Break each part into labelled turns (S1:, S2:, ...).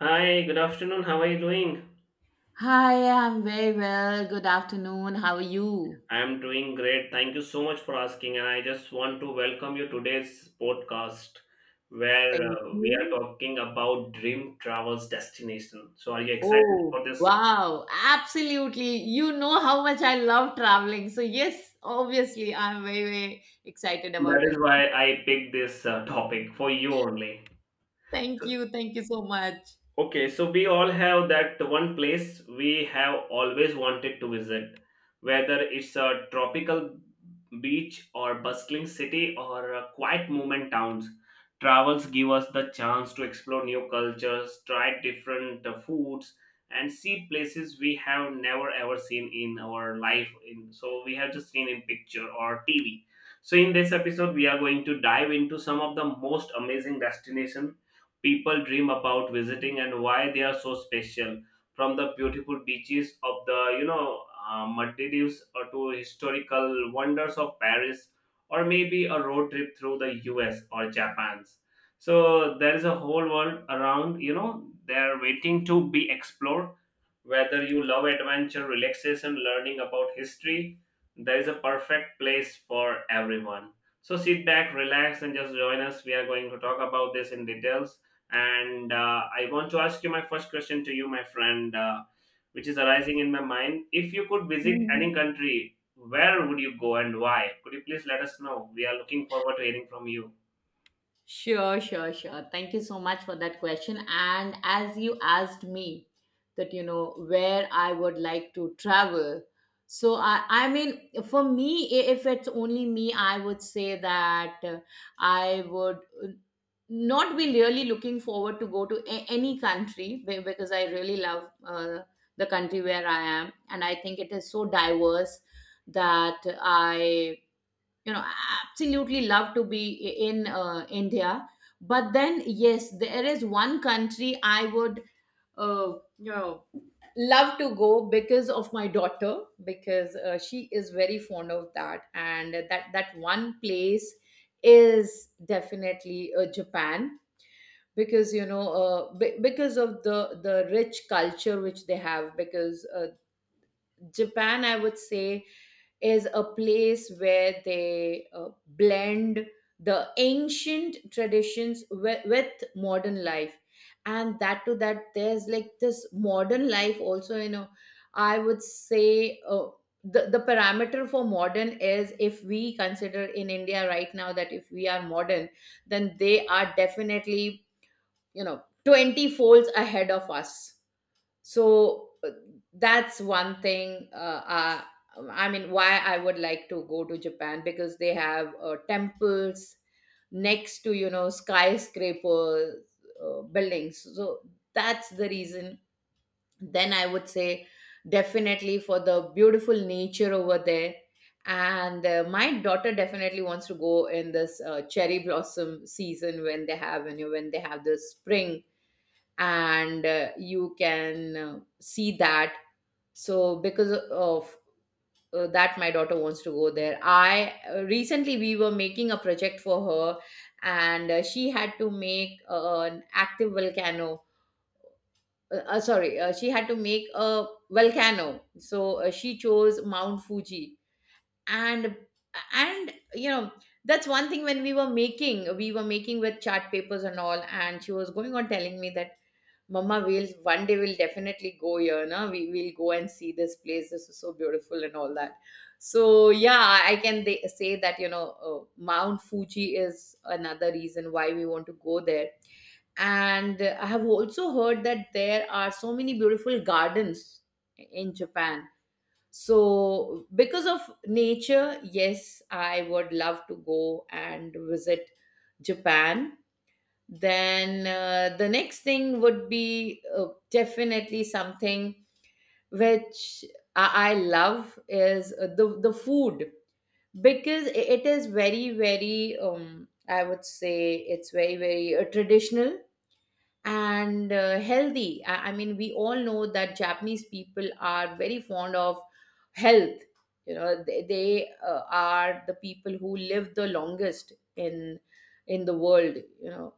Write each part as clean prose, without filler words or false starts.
S1: Hi, good afternoon. How are you doing?
S2: Hi, I'm very well. Good afternoon. How are you?
S1: I'm doing great. Thank you so much for asking. And I just want to welcome you today's podcast where
S2: Thank
S1: we are
S2: you.
S1: talking about dream travels destination. So are you excited
S2: Oh,
S1: for this?
S2: wow, absolutely. You know how much I love traveling. So, yes, obviously, I'm very, very excited
S1: That
S2: about
S1: is
S2: it.
S1: why I picked this topic for you only.
S2: Thank you. Thank you so much.
S1: Okay, so we all have that one place we have always wanted to visit, whether it's a tropical beach or bustling city or a quiet movement towns. Travels give us the chance to explore new cultures, try different foods, and see places we have never ever seen in our life. In so we have just seen in picture or TV. So in this episode, we are going to dive into some of the most amazing destinations people dream about visiting and why they are so special from the beautiful beaches of the Maldives or to historical wonders of Paris or maybe a road trip through the US or Japan's, so there is a whole world around, they're waiting to be explored, whether you love adventure, relaxation, learning about history, there is a perfect place for everyone. So sit back, relax, and just join us. We are going to talk about this in details. And I want to ask you my first question to you, my friend, which is arising in my mind. If you could visit any
S2: Mhm.
S1: country, where would you go and why? Could you please let us know? We are looking forward to hearing from you.
S2: Sure, sure, sure. Thank you so much for that question. And as you asked me that, where I would like to travel. So, I mean, for me, if it's only me, I would say that I would uh, not be really looking forward to go to any country because I really love the country where I am. And I think it is so diverse that I you know I absolutely love to be in india. But then yes, there is one country I would uh, you know love to go because of my daughter, because she is very fond of that, and that one place is definitely japan, because because of the rich culture which they have, because Japan, I would say, is a place where they blend the ancient traditions with modern life. And that to that, there's like this modern life also, I would say the parameter for modern is, if we consider in India right now, that if we are modern, then they are definitely, 20 folds ahead of us. So that's one thing. I mean why I would like to go to japan: because they have temples next to skyscraper buildings. So that's the reason. Then I would say, definitely, for the beautiful nature over there. And my daughter definitely wants to go in this cherry blossom season, when they have the spring, and you can see that. So because of that, my daughter wants to go there. I Recently, we were making a project for her, and she had to make an active volcano. Sorry, she had to make a volcano, so she chose mount fuji. And and that's one thing. When we were making with chart papers and all, and she was going on telling me that, "Mama, we'll one day we'll definitely go here, na? We will go and see this place. This is so beautiful," and all that. So yeah, I can, they say that, Mount Fuji is another reason why we want to go there. And I have also heard that there are so many beautiful gardens in Japan. So because of nature, yes, I would love to go and visit Japan. Then the next thing would be definitely something which I love is the food, because it is very very, I would say, it's very very traditional and healthy. I mean we all know that Japanese people are very fond of health. You know they are the people who live the longest in the world. You know,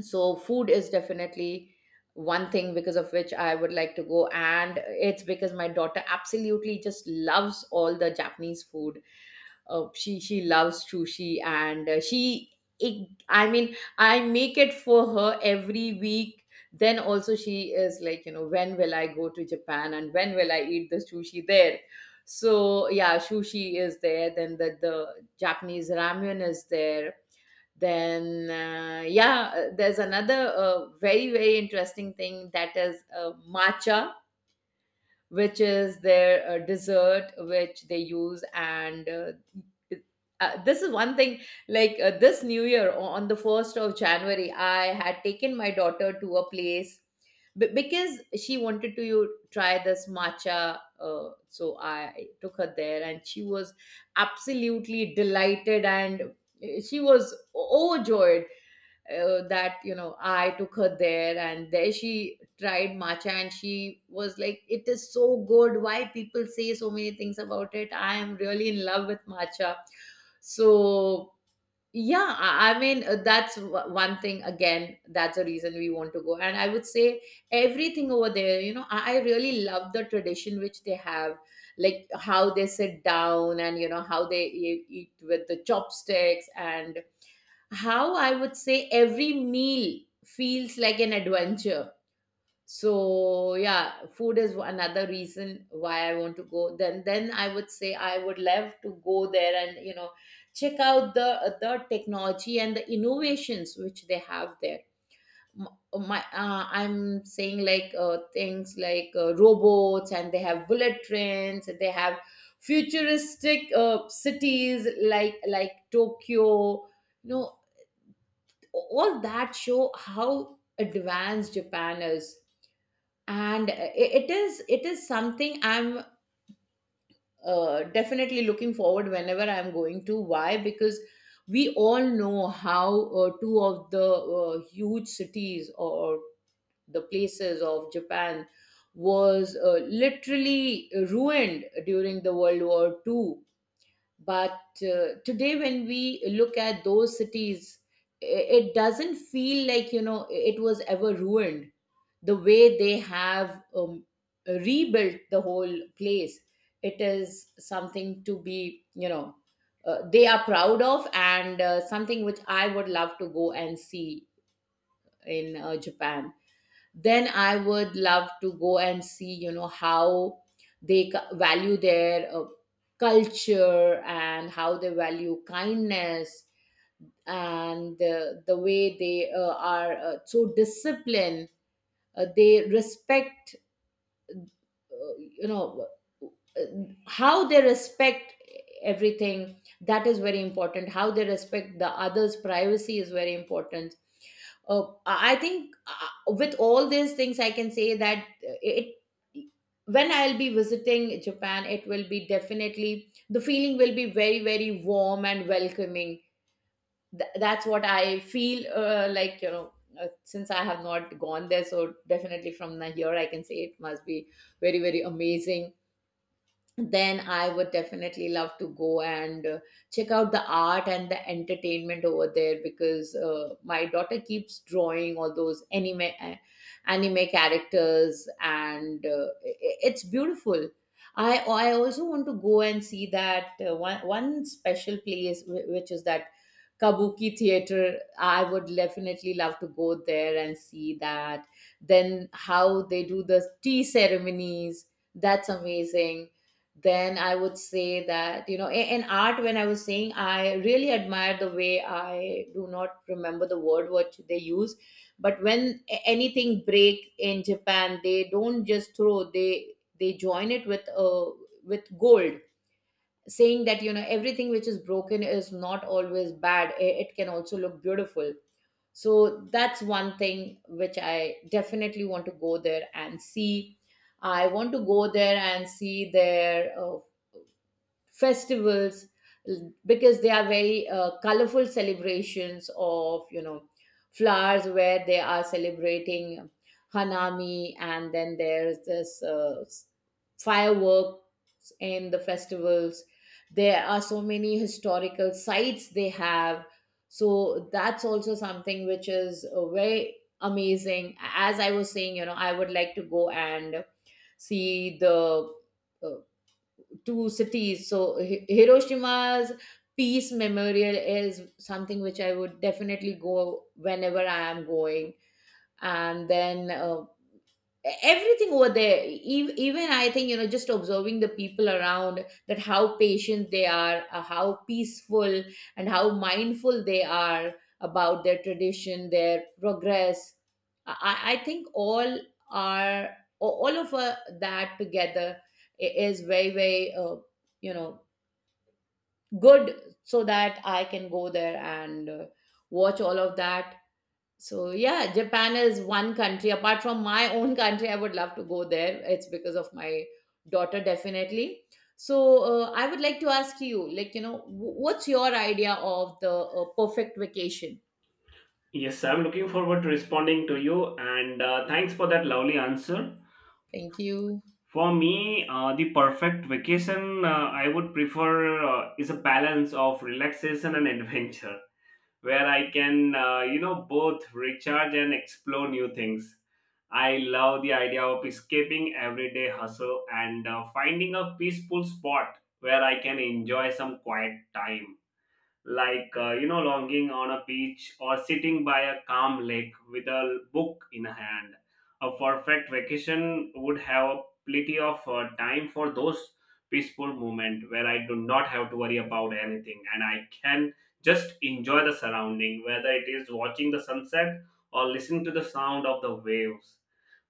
S2: so food is definitely one thing because of which I would like to go. And it's because my daughter absolutely just loves all the japanese food. She loves sushi, and I mean I make it for her every week. Then also she is like, when will I go to japan, and when will I eat the sushi there? So yeah, sushi is there, then the japanese ramen is there. Then yeah, there's another very very interesting thing, that is matcha, which is their dessert which they use. And it- this is one thing. Like this new year, on the 1st of january, I had taken my daughter to a place, because she wanted to you try this matcha, so I took her there, and she was absolutely delighted and she was overjoyed, that I took her there, and there she tried matcha, and she was like, "It is so good, why people say so many things about it, I am really in love with matcha." So yeah, I mean that's one thing again, that's a reason we want to go. And I would say everything over there, I really love the tradition which they have, like how they sit down, and how they eat with the chopsticks, and how, I would say, every meal feels like an adventure. So yeah, food is another reason why I want to go. Then I would say I would love to go there and check out the technology and the innovations which they have there. My, I'm saying like things like robots, and they have bullet trains, and they have futuristic cities like Tokyo. No, all that show how advanced japan is. And it is something I'm definitely looking forward, whenever I'm going. To why? Because we all know how two of the huge cities, or the places of japan, was literally ruined during the World War II. But today, when we look at those cities, i- it doesn't feel like, it was ever ruined, the way they have rebuilt the whole place. It is something to be, they are proud of, and something which I would love to go and see in Japan. Then I would love to go and see how they value their culture, and how they value kindness, and the way they are so disciplined. They respect, uh, you know uh, how they respect everything. That is very important. How they respect the others privacy is very important. Oh, I think with all these things, I can say that, it when I'll be visiting Japan, it will be definitely, the feeling will be very very warm and welcoming. That's what I feel, like. Since I have not gone there, so definitely from here I can say it must be very very amazing. Then I would definitely love to go and check out the art and the entertainment over there, because my daughter keeps drawing all those anime anime characters, and it's beautiful. I also want to go and see that one special place, which is that Kabuki theater. I would definitely love to go there and see that. Then how they do the tea ceremonies. That's amazing. Then I would say that, in art, when I was saying, I really admire the way, I do not remember the word what they use, but when anything break in japan, they don't just throw, they join it with with gold, saying that, everything which is broken is not always bad, it can also look beautiful. So that's one thing which I definitely want to go there and see. I want to go there and see their festivals, because they are very colorful celebrations of flowers, where they are celebrating hanami. And then there's this fireworks in the festivals. There are so many historical sites they have, so that's also something which is very amazing. As I was saying, I would like to go and see the uh, to cities. So Hiroshima's peace memorial is something which I would definitely go whenever I am going. And then everything over there, even I think, just observing the people around, that how patient they are, how peaceful and how mindful they are about their tradition, their progress. I think all are all of that together is very very, you know good, so that I can go there and watch all of that. So yeah, Japan is one country apart from my own country. I would love to go there. It's because of my daughter, definitely. So I would like to ask you, like, what's your idea of the perfect vacation?
S1: Yes, I'm looking forward to responding to you, and thanks for that lovely answer.
S2: Thank you,
S1: For me, the perfect vacation I would prefer is a balance of relaxation and adventure, where I can, you know, both recharge and explore new things. I love the idea of escaping everyday hustle and finding a peaceful spot where I can enjoy some quiet time like you know, lounging on a beach or sitting by a calm lake with a book in hand. A perfect vacation would have plenty of time for those peaceful moments where I do not have to worry about anything, and I can just enjoy the surrounding, whether it is watching the sunset or listening to the sound of the waves.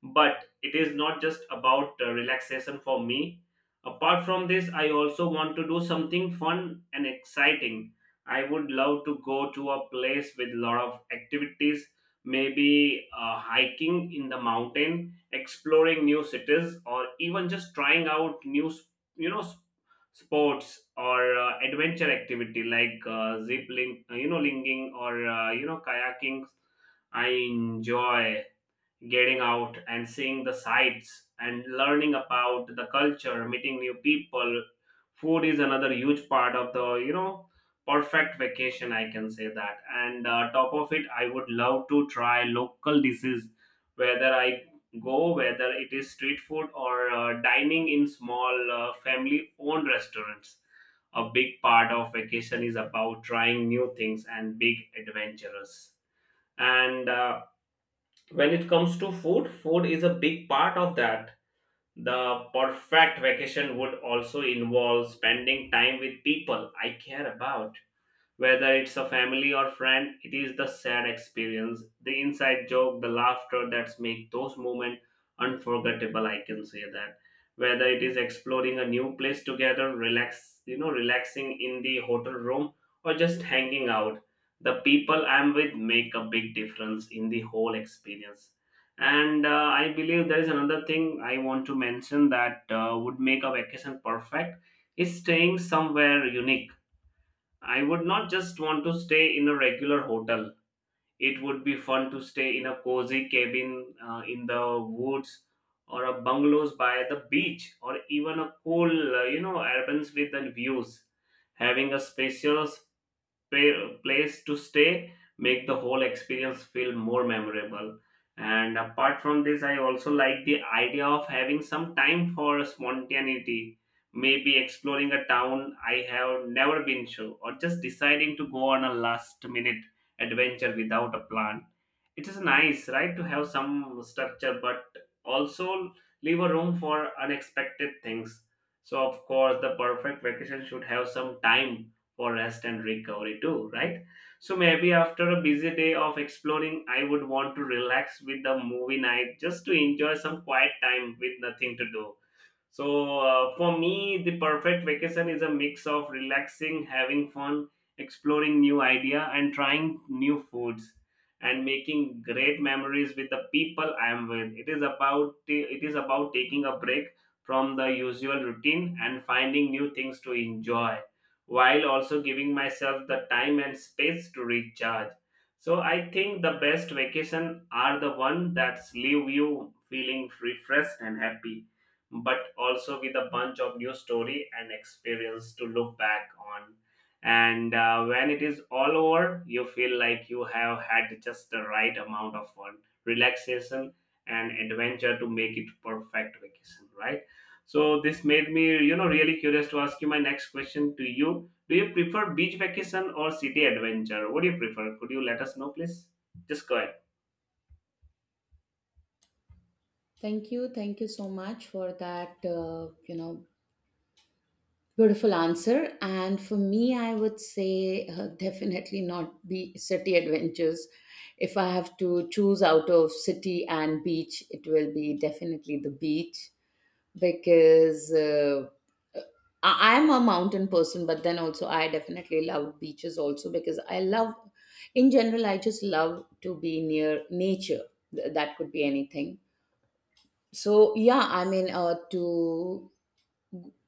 S1: But it is not just about relaxation for me. Apart from this, I also want to do something fun and exciting. I would love to go to a place with lot of activities, maybe hiking in the mountain, exploring new cities, or even just trying out you know s- sports or adventure activity like zip link, linking or you know, kayaking. I enjoy getting out and seeing the sights and learning about the culture, meeting new people. Food is another huge part of the perfect vacation, I can say that. And top of it, I would love to try local dishes, whether I go whether it is street food or dining in small family owned restaurants. A big part of vacation is about trying new things and big adventures. And when it comes to food, is a big part of that. The perfect vacation would also involve spending time with people I care about, whether it's a family or friend. It is the sad experience, the inside joke, the laughter that's make those moments unforgettable. I can say that. Whether it is exploring a new place together, relax, you know, relaxing in the hotel room, or just hanging out, the people I'm with make a big difference in the whole experience. And I believe there is another thing I want to mention that would make a vacation perfect is staying somewhere unique. I would not just want to stay in a regular hotel. It would be fun to stay in a cozy cabin in the woods or a bungalows by the beach, or even a cool, you know, urban with the views. Having a spacious place to stay make the whole experience feel more memorable. And apart from this, I also like the idea of having some time for spontaneity, maybe exploring a town I have never been to, or just deciding to go on a last minute adventure without a plan. It is nice, right, to have some structure, but also leave a room for unexpected things. So of course the perfect vacation should have some time for rest and recovery too, right? So maybe after a busy day of exploring, I would want to relax with a movie night, just to enjoy some quiet time with nothing to do. So for me, the perfect vacation is a mix of relaxing, having fun, exploring new idea, and trying new foods, and making great memories with the people I am with. It is about, it is about taking a break from the usual routine and finding new things to enjoy, while also giving myself the time and space to recharge. So I think the best vacation are the one that leave you feeling refreshed and happy, but also with a bunch of new story and experience to look back on. And when it is all over, you feel like you have had just the right amount of fun, relaxation, and adventure to make it perfect vacation, right? So this made me, you know, really curious to ask you my next question to you. Do you prefer beach vacation or city adventure? What do you prefer? Could you let us know, please? Just go ahead.
S2: thank you, thank you so much for that. Beautiful answer. And for me, I would say, definitely not be city adventures. If I have to choose out of city and beach, it will be definitely the beach, because I am a mountain person, but then also I definitely love beaches also, because I love, in general, I just love to be near nature. That could be anything. So yeah, I mean, to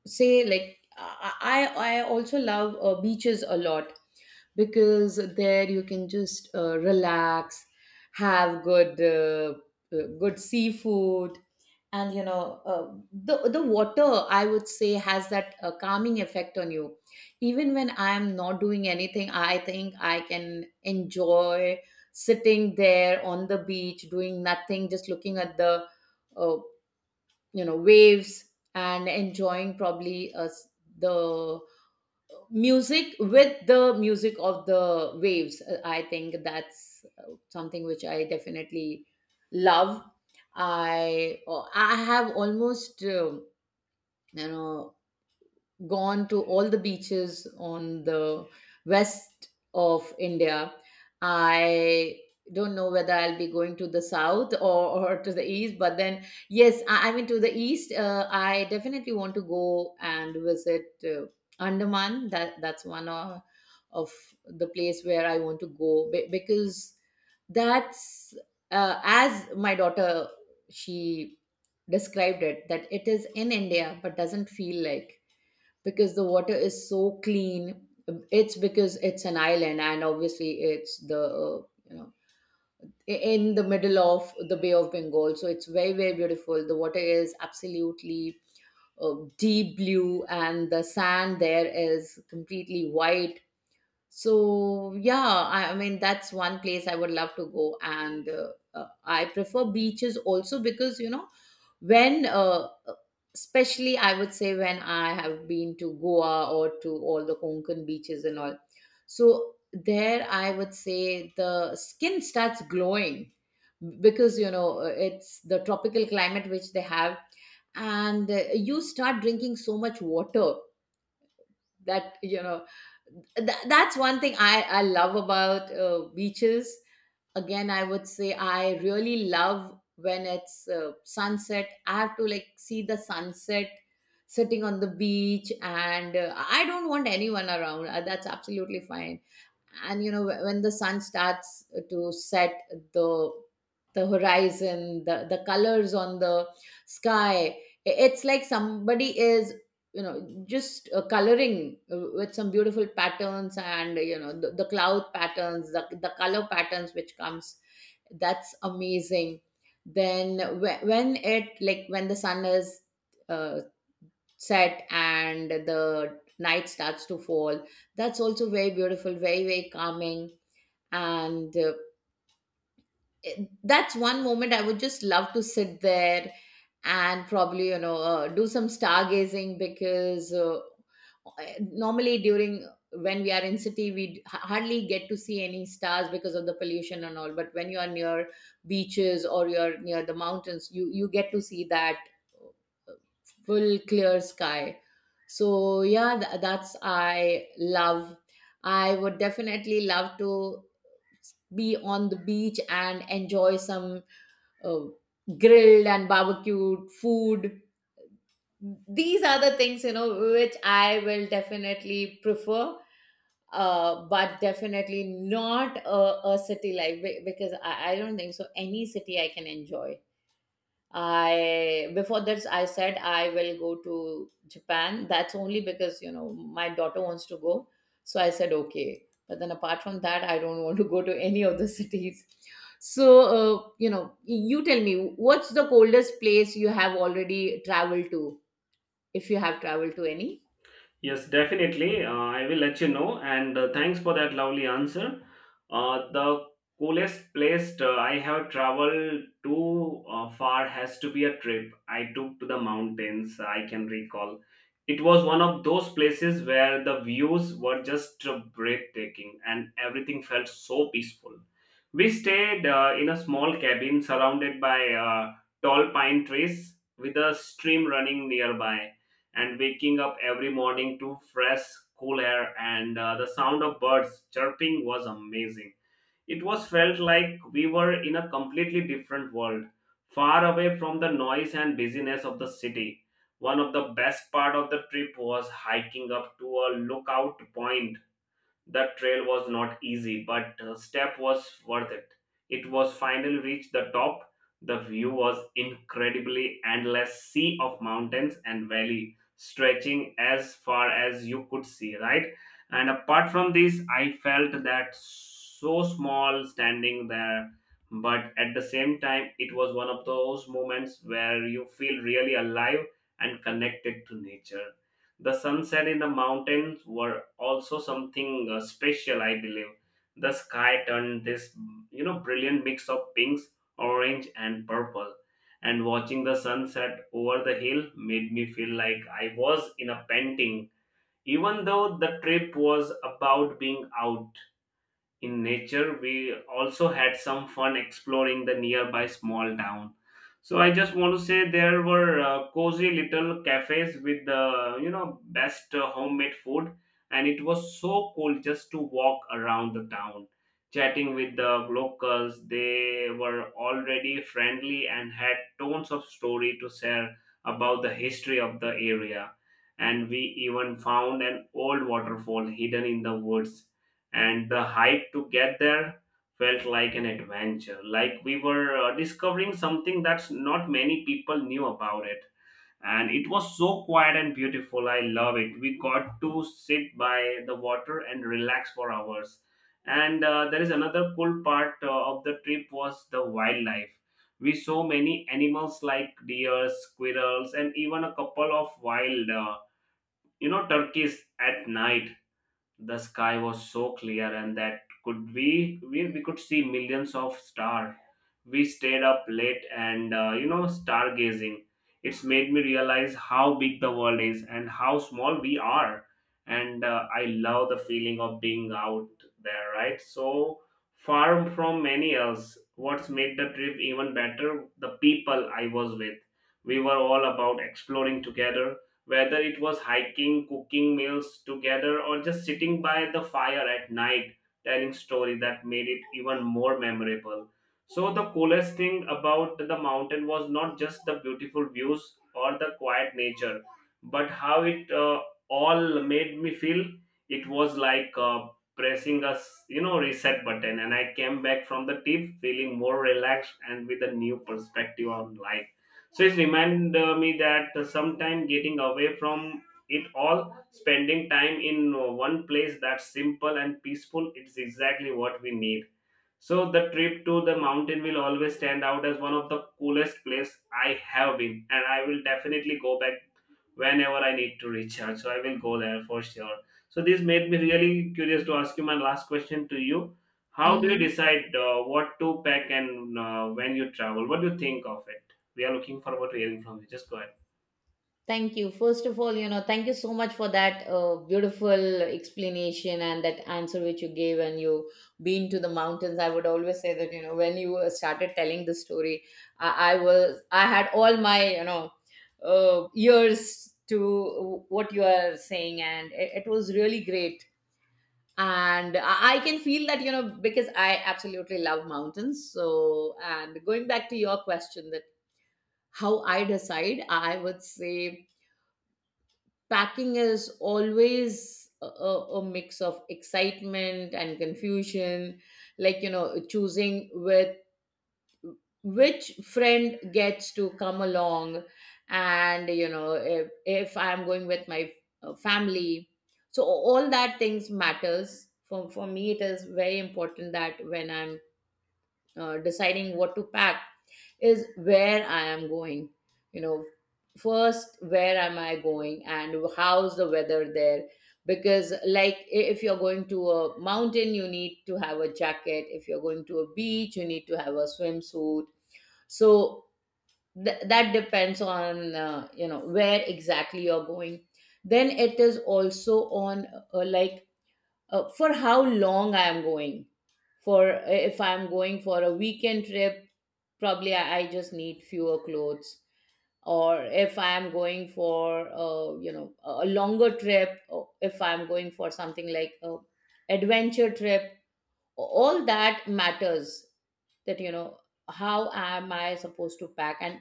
S2: say like I also love beaches a lot, because there you can just relax, have good seafood, and the water I would say has that calming effect on you. Even when I am not doing anything, I think I can enjoy sitting there on the beach doing nothing, just looking at the uh, waves, and enjoying probably the music with the music of the waves. I think that's something which I definitely love. I have almost you know gone to all the beaches on the west of India. I don't know whether I'll be going to the south or to the east, but then, yes, I mean, to the east, I definitely want to go and visit Andaman. That's one of the place where I want to go because that's, as my daughter, she described it, that it is in India but doesn't feel like, because the water is so clean. It's because it's an island, and obviously it's the you know in the middle of the Bay of Bengal, so it's very very beautiful. The water is absolutely deep blue, and the sand there is completely white. So yeah, I mean that's one place I would love to go, and I prefer beaches also because you know when, especially I would say, when I have been to Goa or to all the Konkan beaches and all, so there I would say the skin starts glowing, because you know it's the tropical climate which they have, and you start drinking so much water, that you know that's one thing I love about beaches. Again, I would say I really love when it's sunset. I have to like see the sunset sitting on the beach, and I don't want anyone around. That's absolutely fine. And you know when the sun starts to set, the the horizon, the colors on the sky, it's like somebody is just coloring with some beautiful patterns, and you know the cloud patterns, the color patterns which comes, that's amazing. Then when it like when the sun is uh, set and the night starts to fall, that's also very beautiful, very very calming, and that's one moment I would just love to sit there, and probably you know do some stargazing, because normally during when we are in city, we hardly get to see any stars because of the pollution and all. But when you are near beaches or you're near the mountains, you get to see that uh, full clear sky. So yeah, that's I love. I would definitely love to be on the beach and enjoy some uh, grilled and barbecued food. These are the things, which I will definitely prefer. But definitely not a city life, because I don't think so any city I can enjoy. I Before this I said I will go to Japan. That's only because you know my daughter wants to go. So I said okay. But then apart from that, I don't want to go to any of the cities. So you tell me, what's the coldest place you have already traveled to, if you have traveled to any?
S1: Yes, definitely. I will let you know. And thanks for that lovely answer. The coolest place I have traveled too far has to be a trip I took to the mountains. I can recall. It was one of those places where the views were just breathtaking, and everything felt so peaceful. We stayed in a small cabin surrounded by tall pine trees with a stream running nearby, and waking up every morning to fresh cool air and the sound of birds chirping was amazing. It was felt like we were in a completely different world, far away from the noise and busyness of the city. One of the best part of the trip was hiking up to a lookout point. That trail was not easy, but the step was worth it. It was finally reached the top. The view was incredibly endless sea of mountains and valley stretching as far as you could see, right? And apart from this, I felt that so small standing there, but at the same time, it was one of those moments where you feel really alive and connected to nature. The sunset in the mountains were also something special, I believe. The sky turned this, you know, brilliant mix of pinks, orange, and purple. And watching the sunset over the hill made me feel like I was in a painting, even though the trip was about being out in nature. We also had some fun exploring the nearby small town. So I just want to say there were cozy little cafes with the, you know, best homemade food, and it was so cool just to walk around the town, chatting with the locals. They were already friendly and had tons of story to share about the history of the area. And we even found an old waterfall hidden in the woods, and the hike to get there felt like an adventure, like we were discovering something that's not many people knew about it. And it was so quiet and beautiful, I love it. We got to sit by the water and relax for hours. And there is another cool part of the trip was the wildlife. We saw many animals like deer, squirrels, and even a couple of wild you know, turkeys. At night, the sky was so clear, and that we could see millions of stars. We stayed up late and you know, stargazing. It's made me realize how big the world is and how small we are. And I love the feeling of being out there, right? So far from many else, what's made the trip even better, the people I was with. We were all about exploring together, whether it was hiking, cooking meals together, or just sitting by the fire at night telling story that made it even more memorable. So the coolest thing about the mountain was not just the beautiful views or the quiet nature, but how it all made me feel. It was like pressing a you know, reset button, and I came back from the trip feeling more relaxed and with a new perspective on life. So it's reminded me that sometime getting away from it all, spending time in one place that's simple and peaceful, it's exactly what we need. So the trip to the mountain will always stand out as one of the coolest place I have been, and I will definitely go back whenever I need to recharge. So I will go there for sure. So this made me really curious to ask you my last question to you. How do you decide what to pack and when you travel? What do you think of it? We are looking forward to hearing from you. Just go ahead.
S2: Thank you. First of all, thank you so much for that beautiful explanation and that answer which you gave. And you been to the mountains, I would always say that you know when you started telling the story, I had all my ears to what you are saying, and it was really great. And I can feel that you know, because I absolutely love mountains. So, and going back to your question, that how I decide, I would say packing is always a mix of excitement and confusion, like you know choosing with which friend gets to come along, and you know if I'm going with my family, so all that things matters for me. It is very important that when I'm deciding what to pack is where I am going. You know, first, where am I going and how's the weather there? Because, like, if you're going to a mountain, you need to have a jacket. If you're going to a beach, you need to have a swimsuit. So, that depends on, where exactly you're going. Then it is also on, like, for how long I am going. For if I am going for a weekend trip, probably I just need fewer clothes. Or if I am going for a longer trip, or if I am going for something like a adventure trip, all that matters. That you know how am I supposed to pack, and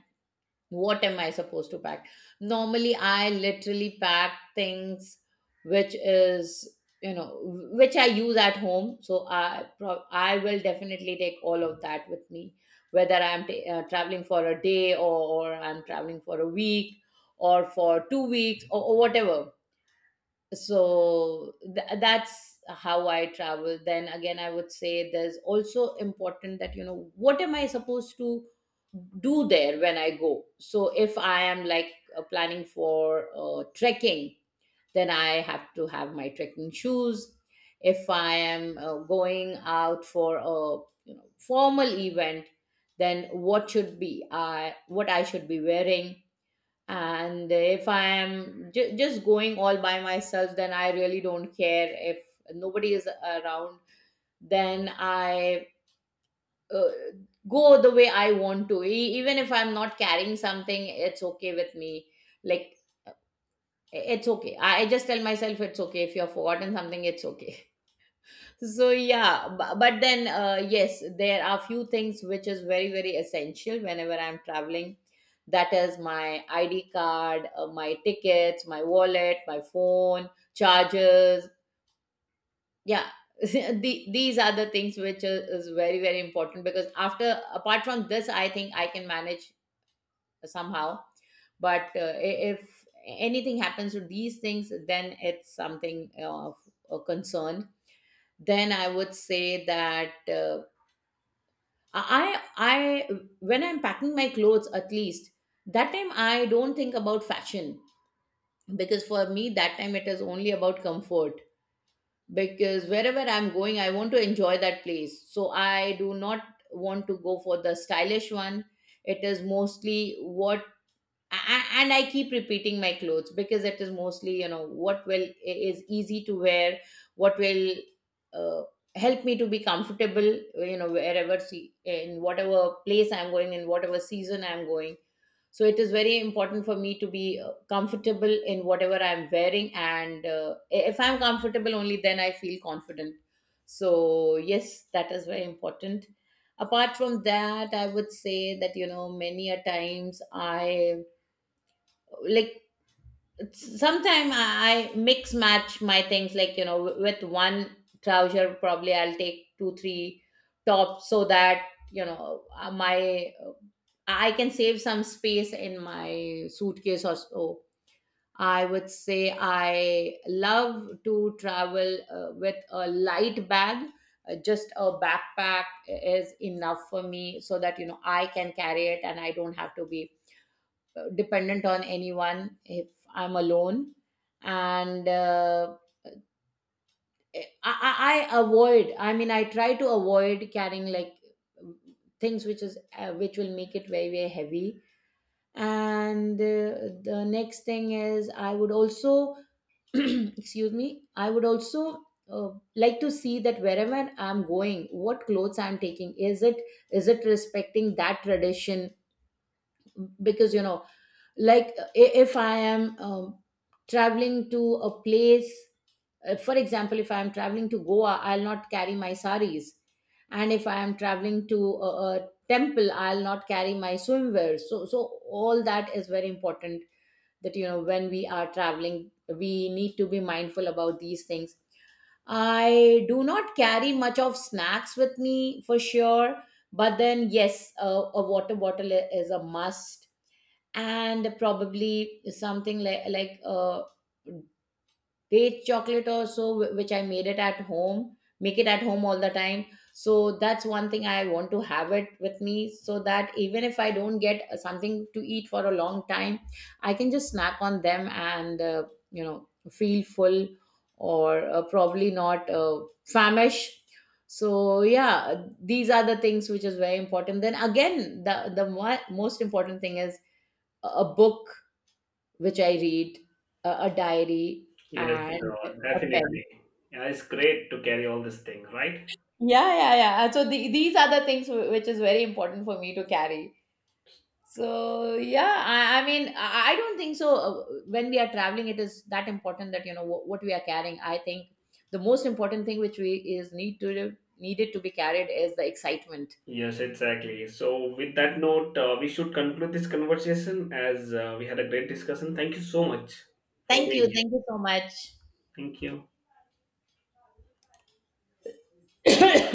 S2: what am I supposed to pack. Normally, I literally pack things which is you know which I use at home, so I will definitely take all of that with me, whether I'm traveling for a day, or I'm traveling for a week, or for 2 weeks, or whatever. So that's how I travel. Then again, I would say there's also important that you know what am I supposed to do there when I go. So if I am like planning for trekking, then I have to have my trekking shoes. If I am going out for a formal event, then what I should be wearing. And if I am just going all by myself, then I really don't care if nobody is around. Then I uh, go the way I want to. Even if I'm not carrying something, it's okay with me. Like, it's okay. I just tell myself, it's okay, if you have forgotten something, it's okay. So yeah, but then yes, there are few things which is very very essential whenever I'm traveling. That is my ID card, my tickets, my wallet, my phone, chargers. Yeah, these are the things which is very very important, because after apart from this, I think I can manage somehow. But if anything happens to these things, then it's something of a concern. Then I would say that I when I'm packing my clothes, at least that time I don't think about fashion, because for me, that time it is only about comfort. Because wherever I'm going, I want to enjoy that place, so I do not want to go for the stylish one. It is mostly what and I keep repeating my clothes, because it is mostly you know what will is easy to wear, what will uh, help me to be comfortable, you know, wherever, see, in whatever place I'm going, in whatever season I'm going. So it is very important for me to be comfortable in whatever I'm wearing, and if I'm comfortable, only then I feel confident. So yes, that is very important. Apart from that, I would say that you know many a times I, like, sometimes I mix match my things, like you know, with one trouser probably I'll take two three tops, so that you know my I can save some space in my suitcase or so. I would say I love to travel with a light bag. Just a backpack is enough for me, so that you know I can carry it and I don't have to be dependent on anyone if I'm alone. And I, I I avoid, I mean, I try to avoid carrying like things which is which will make it very very heavy. And the next thing is, I would also excuse me, I would also uh, like to see that wherever I'm going what clothes I'm taking, is it respecting that tradition. Because you know, like, if I am traveling to a place, for example, if I am traveling to Goa, I'll not carry my saris. And if I am traveling to a, a temple, I'll not carry my swimwear. So all that is very important, that you know when we are traveling, we need to be mindful about these things. I do not carry much of snacks with me for sure, but then yes, a water bottle is a must, and probably something like date chocolate or so, which I made it at home make it at home all the time, so that's one thing I want to have it with me, so that even if I don't get something to eat for a long time, I can just snack on them and feel full. Or probably not famished. So yeah, these are the things which is very important. Then again, the most important thing is a book which I read, a diary,
S1: Yes,
S2: and a pen.
S1: definitely. Yeah, it's great to carry all this thing, right?
S2: Yeah, yeah, yeah. So these are the things which is very important for me to carry. So yeah, I mean, I don't think so. When we are traveling, it is that important that you know what we are carrying. I think the most important thing which we is need to needed to be carried is the excitement.
S1: Yes, exactly. So, with that note, we should conclude this conversation as we had a great discussion. Thank you so much for being here.
S2: Thank you so much.
S1: Thank you.